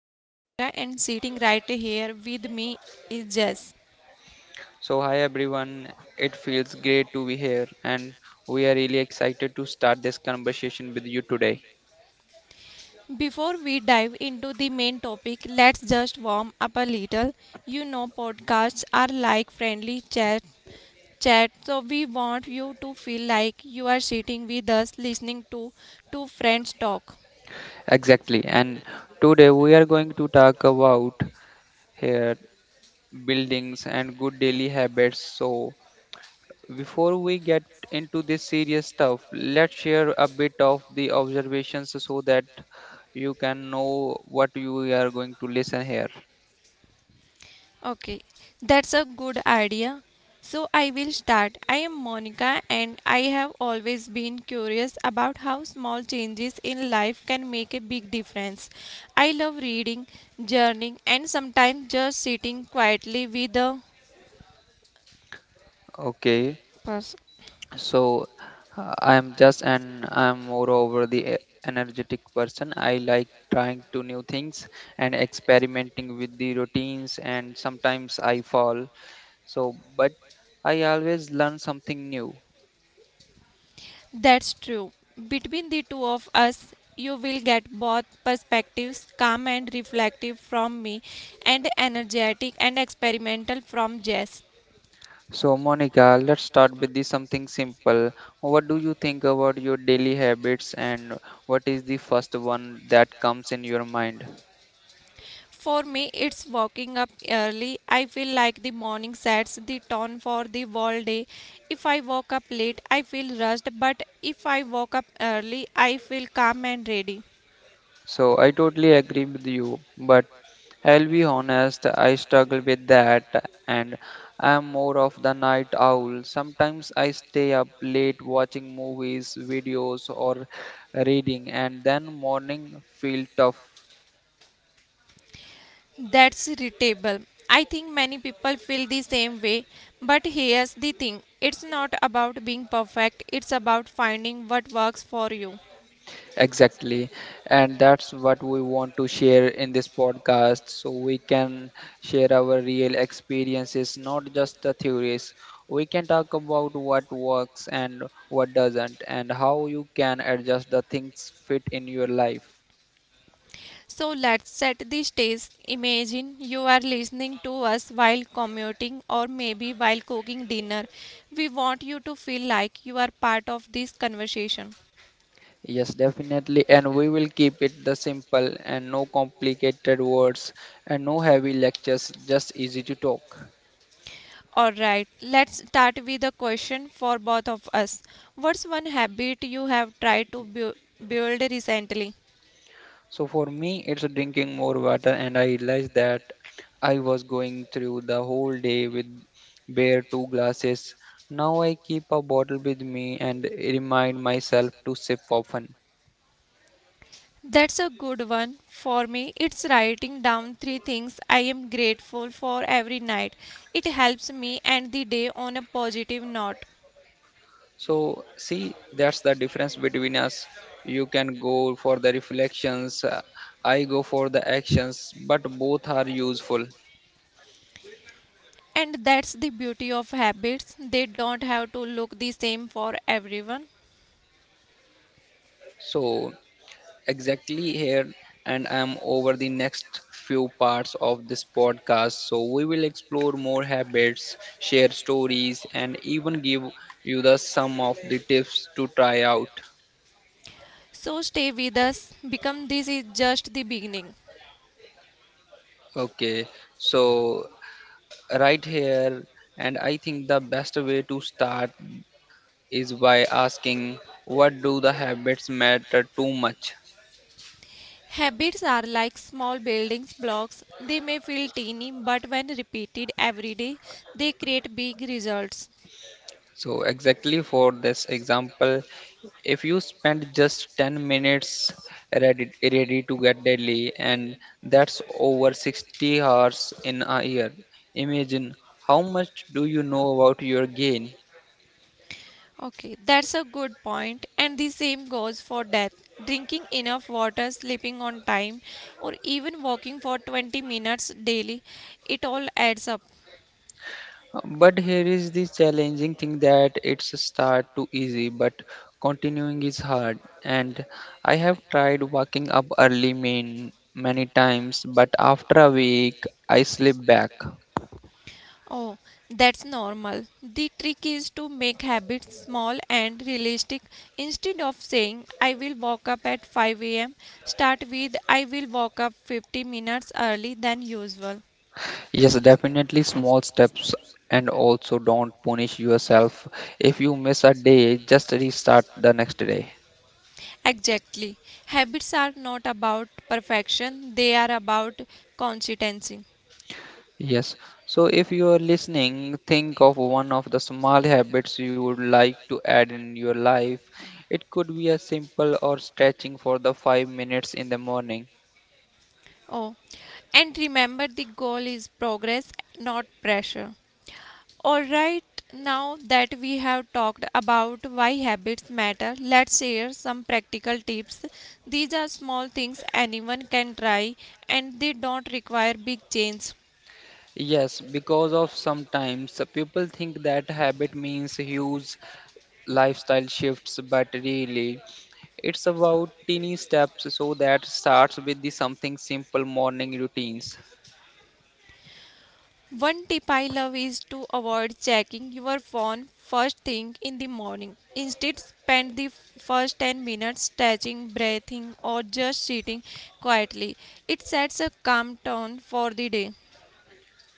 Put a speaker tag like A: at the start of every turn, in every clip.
A: I am Monica and sitting right here with me is Jess.
B: Hi everyone. It feels great to be here, and we are really excited to start this conversation with you today.
A: Before we dive into the main topic, let's just warm up a little. You know podcasts are like friendly chat, so we want you to feel like you are sitting with us listening to two friends talk.
B: Exactly. And today we are going to talk about here buildings and good daily habits. So, before we get into this serious stuff, let's share a bit of the observations so that you can know what you are going to listen here.
A: Okay, that's a good idea. So I will start. I am Monica and I have always been curious about how small changes in life can make a big difference. I love reading, journaling, and sometimes just sitting quietly with a
B: Okay.
A: person.
B: So, I am just and I'm moreover the energetic person. I like trying to new things and experimenting with the routines, and sometimes I fall. So but I always learn something new.
A: That's true. Between the two of us, you will get both perspectives, calm and reflective from me, and energetic and experimental from Jess.
B: So Monica, let's start with the something simple. What do you think about your daily habits, and what is the first one that comes in your mind?
A: For me, it's waking up early. I feel like the morning sets the tone for the whole day. If I woke up late, I feel rushed, but if I woke up early, I feel calm and ready.
B: So I totally agree with you, but I'll be honest, I struggle with that, and I'm more of the night owl. Sometimes I stay up late watching movies, videos, or reading, and then morning feel tough.
A: That's irritable. I think many people feel the same way, but here's the thing, it's not about being perfect, it's about finding what works for you.
B: Exactly, and that's what we want to share in this podcast so we can share our real experiences, not just the theories. We can talk about what works and what doesn't, and how you can adjust the things fit in your life.
A: So let's set the stage. Imagine you are listening to us while commuting or maybe while cooking dinner. We want you to feel like you are part of this conversation.
B: Yes, definitely. And we will keep it the simple and no complicated words and no heavy lectures, just easy to talk.
A: Alright, let's start with a question for both of us. What's one habit you have tried to build recently?
B: So for me, it's drinking more water, and I realized that I was going through the whole day with bare two glasses. Now I keep a bottle with me and remind myself to sip often.
A: That's a good one. For me, it's writing down three things I am grateful for every night. It helps me end the day on a positive note.
B: So see, that's the difference between us. You can go for the reflections, I go for the actions, but both are useful.
A: And that's the beauty of habits. They don't have to look the same for everyone.
B: So exactly here. And I am over the next few parts of this podcast, so we will explore more habits, share stories, and even give you the some of the tips to try out.
A: So stay with us. Become this is just the beginning.
B: Okay, so right here. And I think the best way to start is by asking, what do the habits matter too much?
A: Habits are like small building blocks. They may feel teeny, but when repeated every day, they create big results.
B: So, exactly for this example, if you spend just 10 minutes ready to get daily, and that's over 60 hours in a year, imagine how much do you know about your gain?
A: Okay, that's a good point. And the same goes for death. Drinking enough water, sleeping on time, or even walking for 20 minutes daily, it all adds up.
B: But here is the challenging thing, that it's a start too easy, but continuing is hard. And I have tried waking up early main many times, but after a week I slip back.
A: Oh, that's normal. The trick is to make habits small and realistic. Instead of saying, I will walk up at 5 a.m., start with, I will walk up 50 minutes early than usual.
B: Yes, definitely small steps, and also don't punish yourself. If you miss a day, just restart the next day.
A: Exactly. Habits are not about perfection, they are about consistency.
B: Yes. So if you are listening, think of one of the small habits you would like to add in your life. It could be as simple or stretching for the 5 minutes in the morning.
A: Oh, and remember the goal is progress, not pressure. All right, now that we have talked about why habits matter, let's share some practical tips. These are small things anyone can try and they don't require big change.
B: Yes, because of sometimes people think that habit means huge lifestyle shifts, but really it's about teeny steps. So that starts with the something simple morning routines.
A: One tip I love is to avoid checking your phone first thing in the morning. Instead, spend the first 10 minutes stretching, breathing, or just sitting quietly. It sets a calm tone for the day.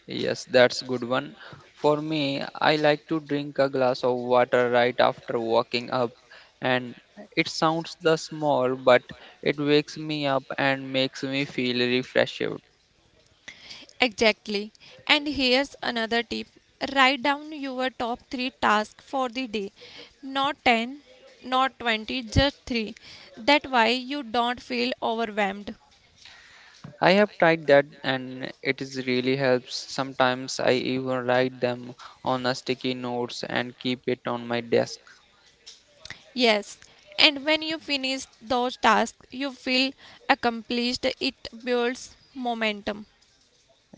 B: Yes, that's good one. For me, I like to drink a glass of water right after waking up, and it sounds the small, but it wakes me up and makes me feel refreshed.
A: Exactly. And here's another tip, write down your top three tasks for the day. Not 10, not 20, just three. That way you don't feel overwhelmed.
B: I have tried that, and it is really helps. Sometimes I even write them on a sticky notes and keep it on my desk.
A: Yes, and when you finish those tasks, you feel accomplished. It builds momentum.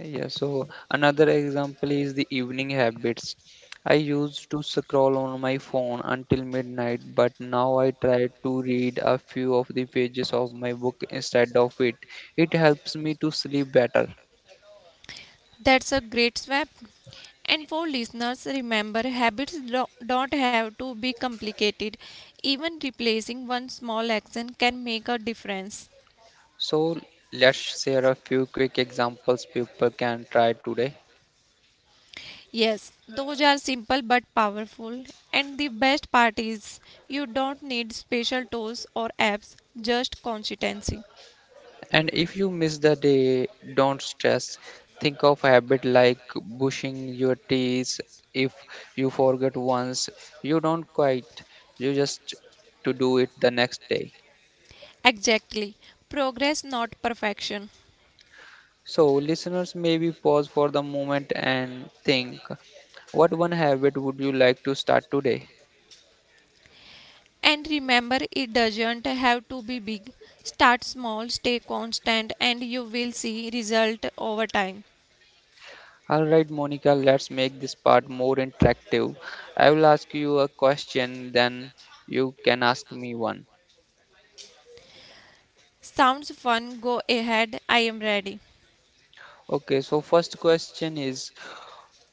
B: Yeah, so another example is the evening habits. I used to scroll on my phone until midnight, but now I try to read a few of the pages of my book instead of it. It helps me to sleep better.
A: That's a great swap. And for listeners, remember habits don't have to be complicated. Even replacing one small action can make a difference.
B: So let's share a few quick examples people can try today.
A: Yes, those are simple but powerful. And the best part is you don't need special tools or apps, just consistency.
B: And if you miss the day, don't stress. Think of a habit like brushing your teeth. If you forget once, you don't quite, you just to do it the next day.
A: Exactly. Progress, not perfection.
B: So listeners, maybe pause for the moment and think, what one habit would you like to start today?
A: And remember, it doesn't have to be big. Start small, stay constant, and you will see result over time.
B: Alright, Monica, let's make this part more interactive. I will ask you a question, then you can ask me one.
A: Sounds fun. Go ahead. I am ready.
B: Okay, so first question is,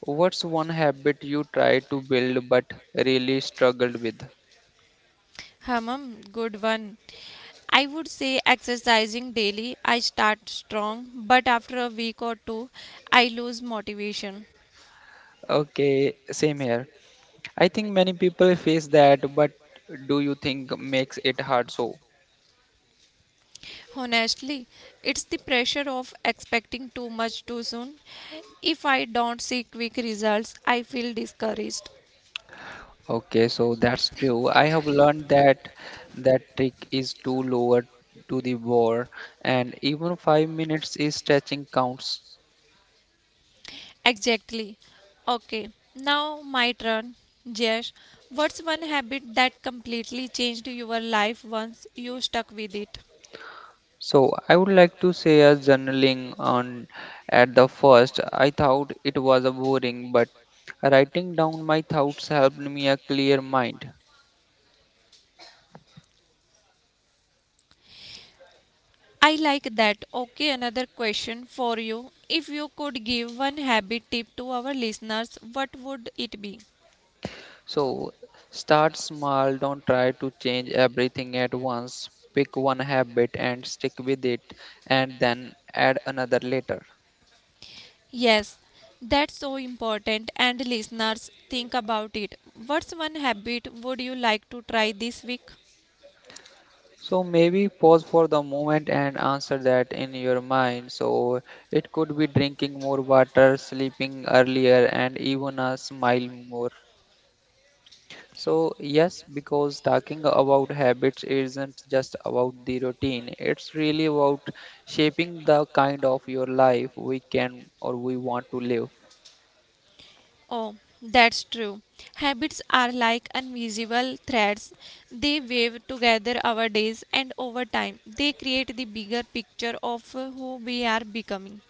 B: what's one habit you try to build but really struggled with?
A: Hamam, good one. I would say exercising daily. I start strong, but after a week or two, I lose motivation.
B: Okay, same here. I think many people face that, but do you think makes it hard so?
A: Honestly, it's the pressure of expecting too much too soon. If I don't see quick results, I feel discouraged.
B: Okay, so that's true. I have learned that that trick is to lower to the bar, and even 5 minutes is stretching counts.
A: Exactly. Okay, now my turn. Jash, what's one habit that completely changed your life once you stuck with it?
B: So I would like to say as journaling on. At the first I thought it was a boring, but writing down my thoughts helped me a clear mind.
A: I like that. Okay, another question for you. If you could give one habit tip to our listeners, what would it be?
B: So start small, don't try to change everything at once. Pick one habit and stick with it, and then add another later.
A: Yes, that's so important, and listeners, think about it. What's one habit would you like to try this week?
B: So maybe pause for the moment and answer that in your mind. So it could be drinking more water, sleeping earlier, and even a smile more. So, yes, because talking about habits isn't just about the routine, it's really about shaping the kind of your life we can or we want to live.
A: Oh, that's true. Habits are like invisible threads. They wave together our days, and over time, they create the bigger picture of who we are becoming.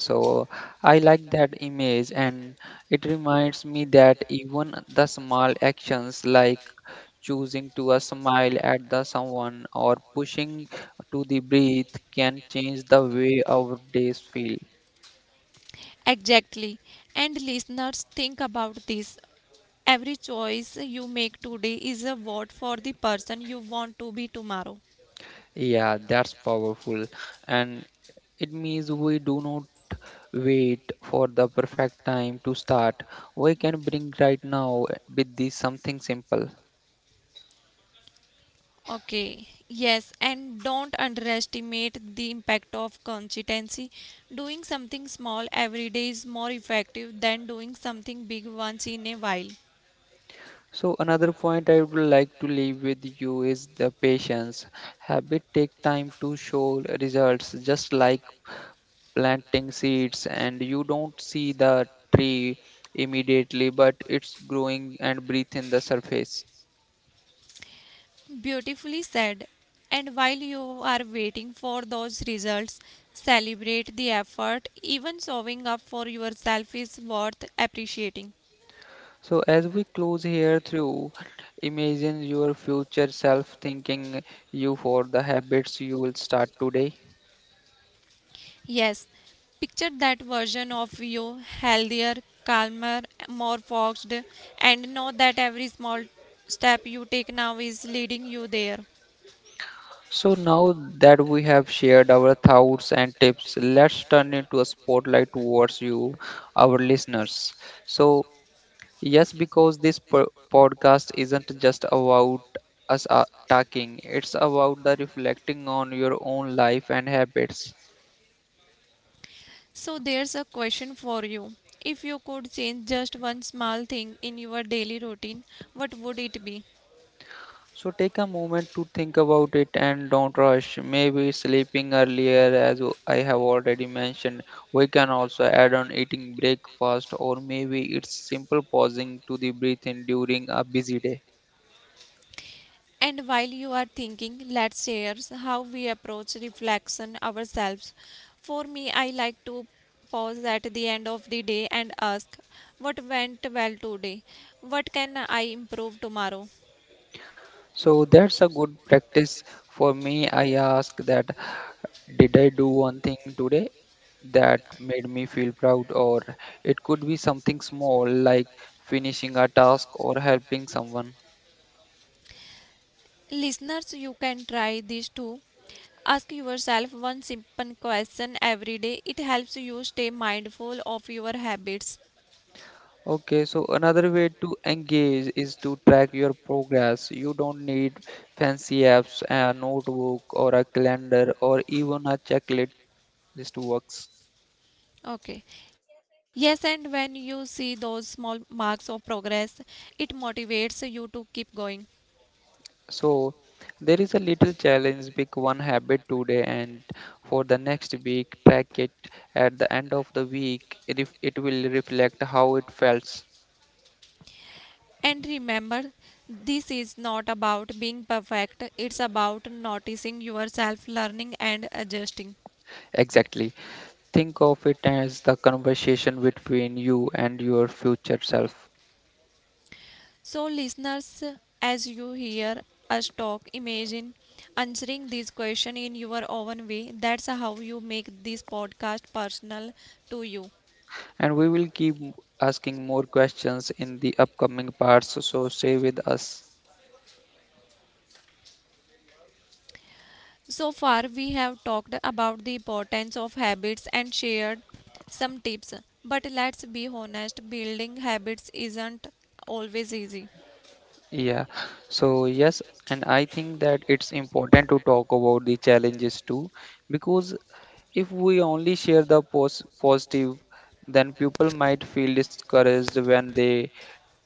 B: So, I like that image, and it reminds me that even the small actions like choosing to a smile at the someone or pushing to the breathe can change the way our days feel.
A: Exactly. And listeners, think about this. Every choice you make today is a vote for the person you want to be tomorrow.
B: Yeah, that's powerful, and it means we do not wait for the perfect time to start. We can bring right now with this something simple.
A: Okay, yes, and don't underestimate the impact of consistency. Doing something small every day is more effective than doing something big once in a while.
B: So another point I would like to leave with you is the patience. Habit take time to show results, just like planting seeds, and you don't see the tree immediately, but it's growing and breathe in the surface.
A: Beautifully said. And while you are waiting for those results, celebrate the effort. Even showing up for yourself is worth appreciating.
B: So as we close here through, imagine your future self thanking you for the habits you will start today.
A: Yes, picture that version of you, healthier, calmer, more focused, and know that every small step you take now is leading you there.
B: So now that we have shared our thoughts and tips, let's turn into a spotlight towards you, our listeners. So, yes, because this podcast isn't just about us talking, it's about the reflecting on your own life and habits.
A: So, there's a question for you. If you could change just one small thing in your daily routine, what would it be?
B: So take a moment to think about it and don't rush. Maybe sleeping earlier, as I have already mentioned, we can also add on eating breakfast, or maybe it's simple pausing to the breathe in during a busy day.
A: And while you are thinking, let's share how we approach reflection ourselves. For me, I like to pause at the end of the day and ask, what went well today? What can I improve tomorrow?
B: So that's a good practice for me. I ask that, did I do one thing today that made me feel proud, or it could be something small like finishing a task or helping someone.
A: Listeners, you can try this too. Ask yourself one simple question every day. It helps you stay mindful of your habits.
B: Okay, so another way to engage is to track your progress. You don't need fancy apps, a notebook, or a calendar, or even a checklist to works.
A: Okay. Yes, and when you see those small marks of progress, it motivates you to keep going.
B: So there is a little challenge, pick one habit today and for the next week, track it at the end of the week. It, it will reflect how it felt.
A: And remember, this is not about being perfect, it's about noticing yourself, learning, and adjusting.
B: Exactly. Think of it as the conversation between you and your future self.
A: So, listeners, as you hear us talk, imagine answering this question in your own way. That's how you make this podcast personal to you.
B: And we will keep asking more questions in the upcoming parts, so stay with us.
A: So far, we have talked about the importance of habits and shared some tips. But let's be honest, building habits isn't always easy.
B: Yeah, so yes, and I think that it's important to talk about the challenges too, because if we only share the positive, then people might feel discouraged when they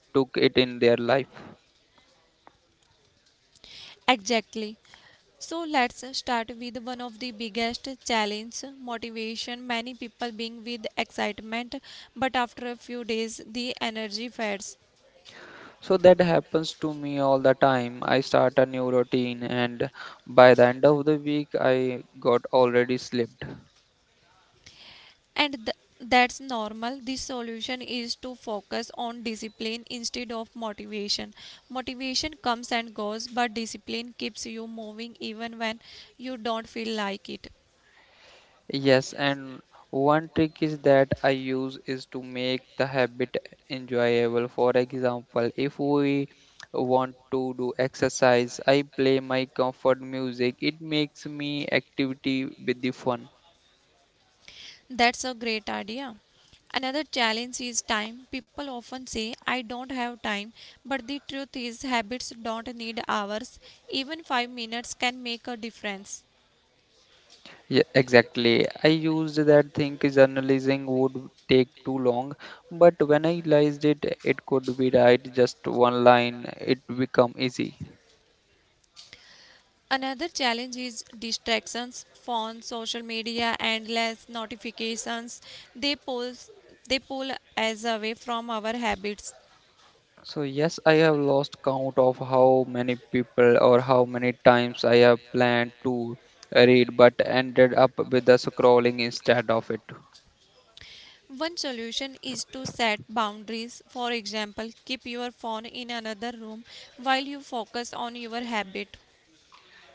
B: took it in their life.
A: Exactly. So let's start with one of the biggest challenge motivation. Many people being with excitement but after a few days the energy fades.
B: So that happens to me all the time. I start a new routine, and by the end of the week, I got already slipped.
A: And th- that's normal. The solution is to focus on discipline instead of motivation. Motivation comes and goes, but discipline keeps you moving even when you don't feel like it.
B: Yes, and one trick is that I use is to make the habit enjoyable. For example, if we want to do exercise, I play my comfort music. It makes me activity with the fun.
A: That's a great idea. Another challenge is time. People often say, I don't have time, but the truth is, habits don't need hours. Even 5 minutes can make a difference.
B: Yeah, exactly. I used that thing journalizing would take too long, but when I realized it, it could be right just one line. It become easy.
A: Another challenge is distractions, phones, social media, endless notifications. They pull, they pull us away from our habits.
B: So yes, I have lost count of how many people or how many times I have planned to read but ended up with the scrolling instead of it.
A: One solution is to set boundaries. For example, keep your phone in another room while you focus on your habit.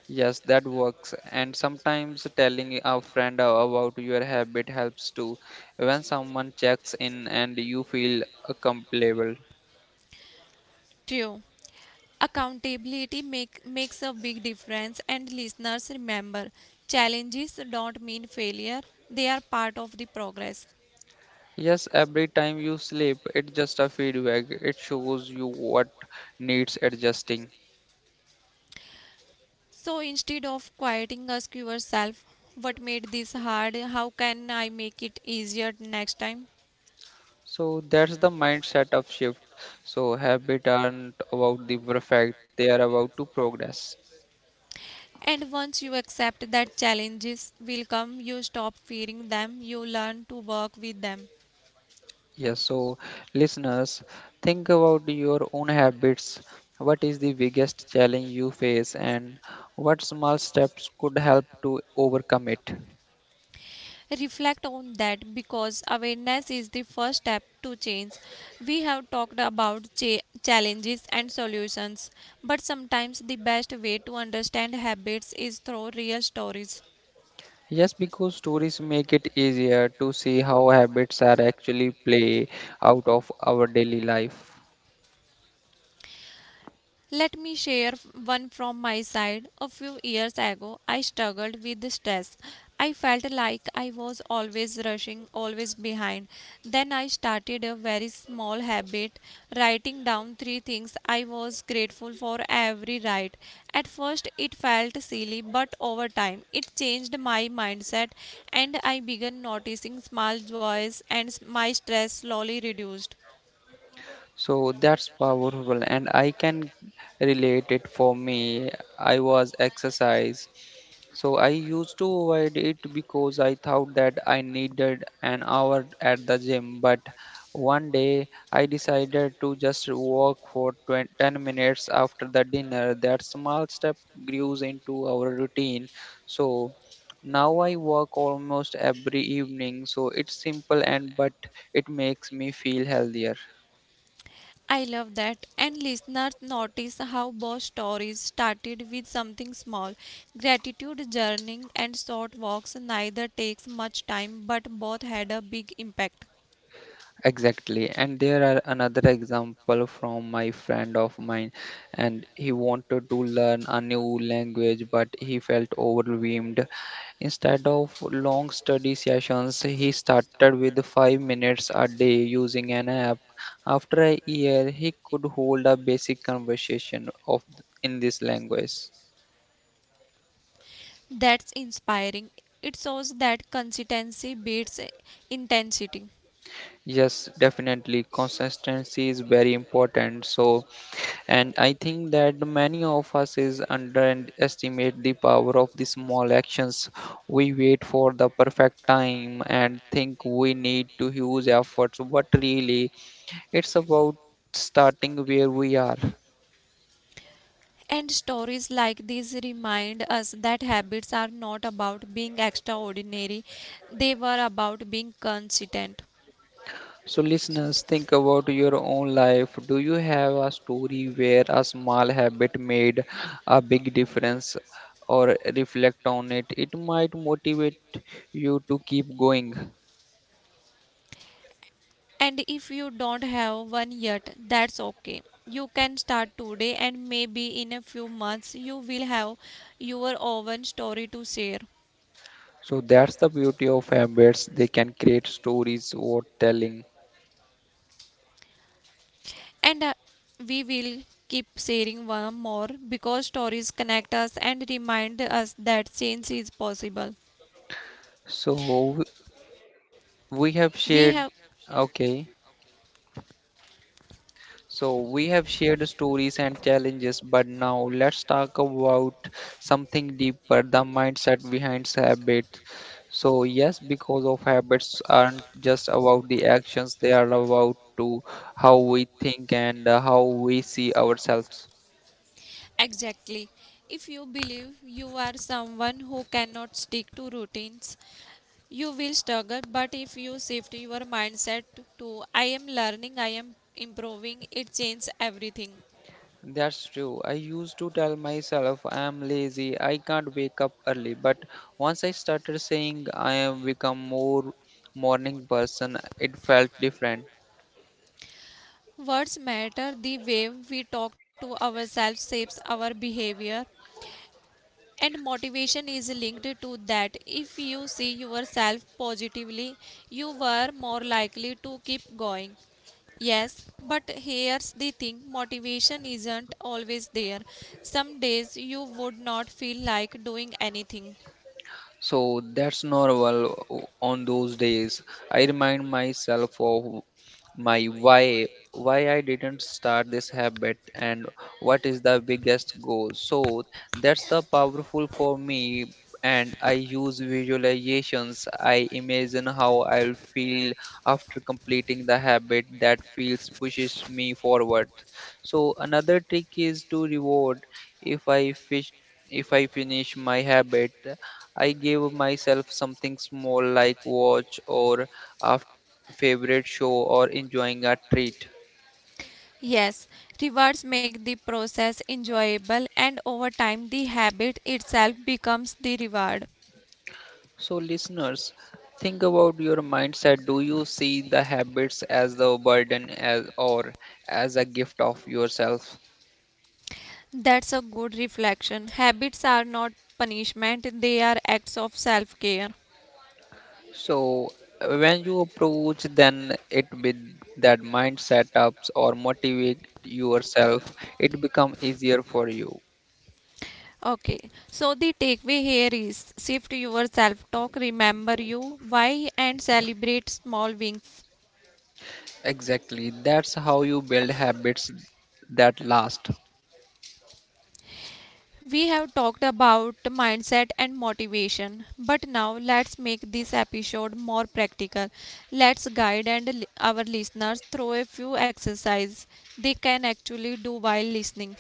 B: Yes, that works. And sometimes telling a friend about your habit helps too. When someone checks in and you feel accountable.
A: True. Accountability makes a big difference, and listeners, remember challenges don't mean failure, they are part of the progress.
B: Yes, every time you sleep, it's just a feedback. It shows you what needs adjusting.
A: So instead of quieting, ask yourself what made this hard, how can I make it easier next time?
B: So that's the mindset of shift. So habit aren't about the perfect, they are about to progress.
A: And once you accept that challenges will come, you stop fearing them, you learn to work with them.
B: Yes, so listeners, think about your own habits. What is the biggest challenge you face, and what small steps could help to overcome it?
A: Reflect on that because awareness is the first step to change. We have talked about challenges and solutions, but sometimes the best way to understand habits is through real stories.
B: Yes, because stories make it easier to see how habits are actually play out of our daily life.
A: Let me share one from my side. A few years ago, I struggled with stress. I felt like I was always rushing, always behind. Then I started a very small habit, writing down three things I was grateful for every night. At first, it felt silly, but over time, it changed my mindset and I began noticing small joys and my stress slowly reduced.
B: So that's powerful, and I can relate it for me. I was exercise, so I used to avoid it because I thought that I needed an hour at the gym. But one day I decided to just walk for 20, 10 minutes after the dinner. That small step grew into our routine. So now I walk almost every evening, so it's simple and but it makes me feel healthier.
A: I love that. And listeners, notice how both stories started with something small. Gratitude journaling and short walks neither takes much time but both had a big impact.
B: Exactly. And there are another example from my friend of mine, and he wanted to learn a new language but he felt overwhelmed. Instead of long study sessions, he started with 5 minutes a day using an app. After a year, he could hold a basic conversation of in this language.
A: That's inspiring. It shows that consistency beats intensity.
B: Yes, definitely consistency is very important. And I think that many of us is underestimate the power of the small actions. We wait for the perfect time and think we need to huge efforts, but really it's about starting where we are.
A: And stories like these remind us that habits are not about being extraordinary, they were about being consistent.
B: So listeners, think about your own life. Do you have a story where a small habit made a big difference? Or reflect on it, it might motivate you to keep going.
A: And if you don't have one yet, that's okay. You can start today, and maybe in a few months, you will have your own story to share.
B: So that's the beauty of embeds. They can create stories worth telling.
A: And we will keep sharing one more because stories connect us and remind us that change is possible.
B: So w- we have
A: We have
B: shared, okay. So we have shared stories and challenges, but now let's talk about something deeper, the mindset behind habits. So yes, because of habits aren't just about the actions, they are about to how we think and how we see ourselves.
A: exactly. If you believe you are someone who cannot stick to routines, you will struggle. But if you shift your mindset to I am learning, I am improving, it changes everything.
B: That's true. I used to tell myself I am lazy, I can't wake up early. But once I started saying I am become more morning person, it felt different.
A: Words matter. The way we talk to ourselves shapes our behavior. And motivation is linked to that. If you see yourself positively you were more likely to keep going. Yes, but here's the thing, motivation isn't always there. Some days you would not feel like doing anything.
B: So that's normal on those days. I remind myself of my why I didn't start this habit and what is the biggest goal. So that's the powerful for me, and I use visualizations. I imagine how I'll feel after completing the habit that feels pushes me forward. So another trick is to reward if I fish if I finish my habit, I gave myself something small like watch or a favorite show or enjoying a treat.
A: Yes, rewards make the process enjoyable, and over time, the habit itself becomes the reward.
B: So, listeners, think about your mindset. Do you see the habits as the burden as or as a gift of yourself?
A: That's a good reflection. Habits are not punishment, they are acts of self care.
B: So, when you approach then it with that mindset ups or motivate yourself, it become easier for you.
A: Okay, so the takeaway here is shift your self talk, remember you, why, and celebrate small wins.
B: Exactly. That's how you build habits that last.
A: We have talked about mindset and motivation, but now let's make this episode more practical. Let's guide and our listeners through a few exercises they can actually do while listening.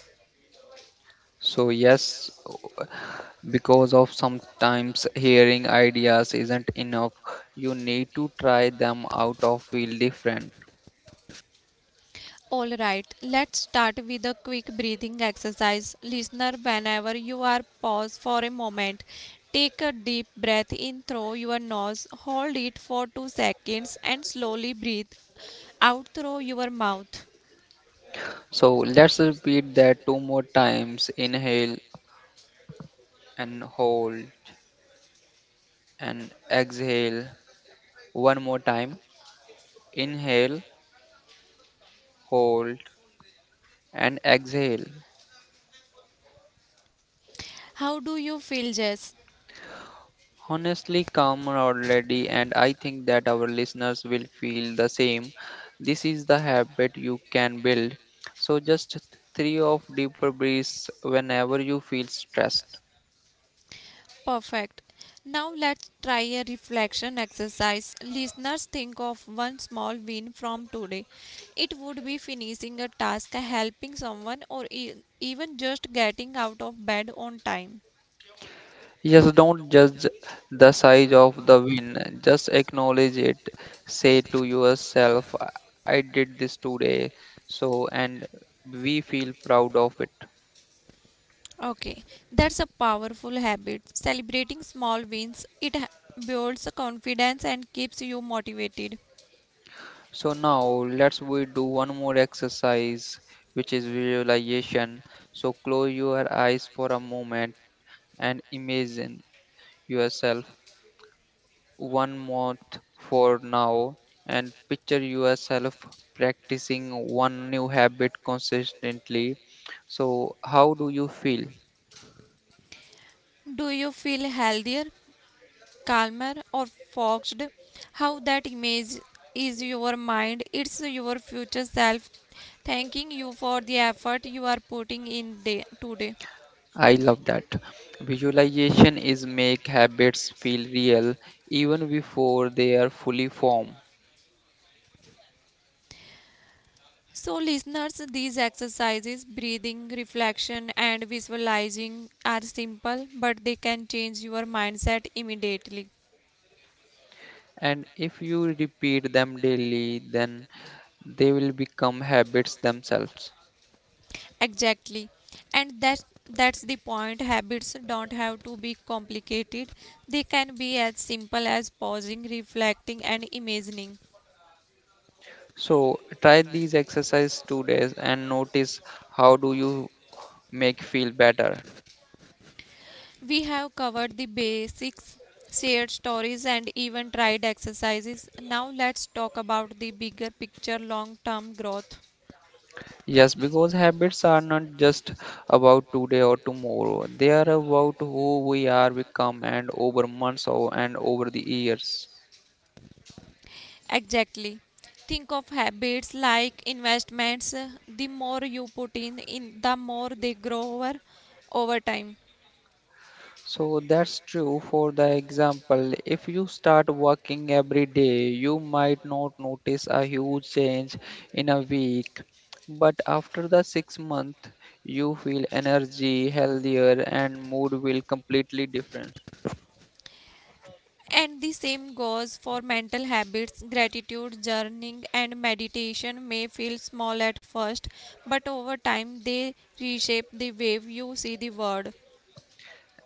B: So, yes, because of sometimes hearing ideas isn't enough, you need to try them out of feel different.
A: All right, let's start with a quick breathing exercise. Listener, whenever you are pause for a moment, take a deep breath in through your nose, hold it for 2 seconds and slowly breathe out through your mouth.
B: So, let's repeat that two more times, inhale and hold and exhale. One more time, inhale, hold, and exhale.
A: How do you feel, Jess?
B: Honestly, calmer already, and I think that our listeners will feel the same. This is the habit you can build. So, just three of deeper breaths whenever you feel stressed.
A: Perfect. Now let's try a reflection exercise. Listeners, think of one small win from today. It would be finishing a task, helping someone, or even just getting out of bed on time.
B: Yes, don't judge the size of the win, just acknowledge it. Say to yourself, I did this today, so and we feel proud of it.
A: Okay, that's a powerful habit. Celebrating small wins, it builds confidence and keeps you motivated.
B: So now let's we do one more exercise which is visualization. So close your eyes for a moment and imagine yourself 1 month for now and picture yourself practicing one new habit consistently. So how do you feel?
A: Do you feel healthier, calmer or foxed? How that image is your mind, it's your future self thanking you for the effort you are putting in day, today.
B: I love that. Visualization is make habits feel real even before they are fully formed.
A: So listeners, these exercises, breathing, reflection and visualizing are simple but they can change your mindset immediately.
B: And if you repeat them daily then they will become habits themselves.
A: Exactly. And that's the point. Habits don't have to be complicated, they can be as simple as pausing, reflecting and imagining.
B: So try these exercise 2 days and notice how do you make feel better.
A: We have covered the basics, shared stories, and even tried exercises. Now let's talk about the bigger picture, long term growth.
B: Yes, because habits are not just about today or tomorrow, they are about who we are become and over months or and over the years.
A: Exactly. Think of habits like investments. The more you put in, the more they grow over time.
B: So that's true for the example. If you start working every day, you might not notice a huge change in a week. But after the 6 months, you feel energy, healthier, and mood will completely different.
A: And the same goes for mental habits. Gratitude, journaling, and meditation may feel small at first, but over time they reshape the way you see the world.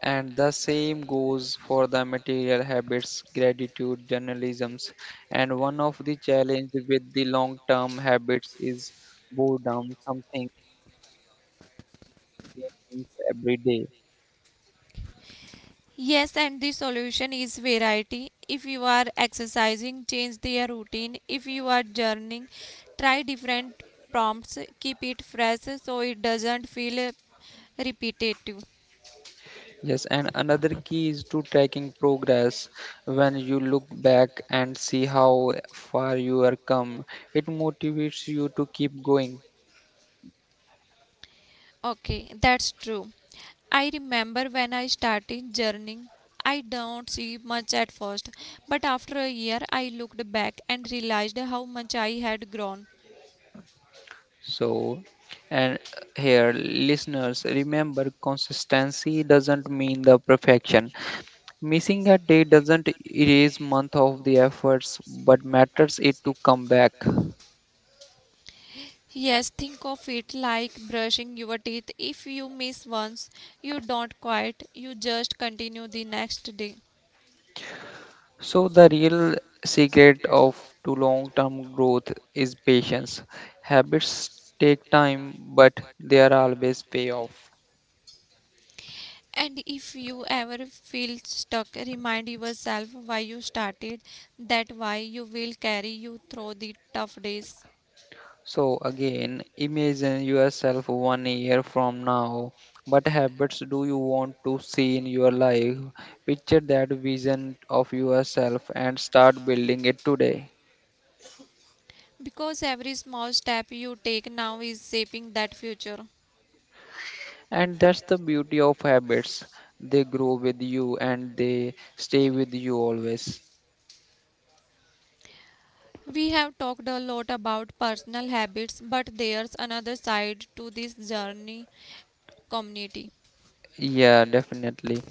B: And the same goes for the material habits, gratitude, journalisms. And one of the challenge with the long-term habits is boredom, something every day.
A: Yes, and the solution is variety. If you are exercising, change their routine. If you are journaling, try different prompts. Keep it fresh so it doesn't feel repetitive.
B: Yes, and another key is to tracking progress. When you look back and see how far you are come, it motivates you to keep going.
A: Okay, that's true. I remember when I started journaling, I don't see much at first, but after a year I looked back and realized how much I had grown.
B: So, and here, listeners, remember consistency doesn't mean the perfection. Missing a day doesn't erase month of the efforts, but matters it to come back.
A: Yes, think of it like brushing your teeth. If you miss once, you don't quit, you just continue the next day.
B: So, the real secret of to long-term growth is patience. Habits take time, but they are always pay off.
A: And if you ever feel stuck, remind yourself why you started. That why you will carry you through the tough days.
B: So again, imagine yourself 1 year from now. What habits do you want to see in your life? Picture that vision of yourself and start building it today.
A: Because every small step you take now is shaping that future.
B: And that's the beauty of habits. They grow with you and they stay with you always.
A: We have talked a lot about personal habits, but there's another side to this journey, community.
B: Yeah, definitely.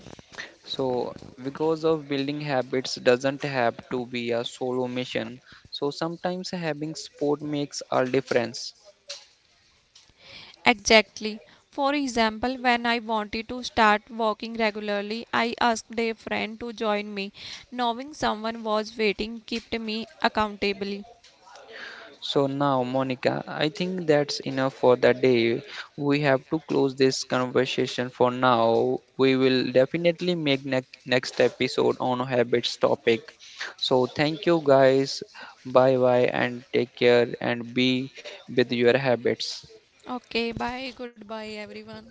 B: So, because of building habits doesn't have to be a solo mission. So, sometimes having sport makes all difference.
A: Exactly. For example, when I wanted to start walking regularly, I asked a friend to join me. Knowing someone was waiting kept me accountable.
B: So, now, Monica, I think that's enough for the day. We have to close this conversation for now. We will definitely make next episode on habits topic. So, thank you guys. Bye bye and take care and be with your habits.
A: Okay, bye. Goodbye, everyone.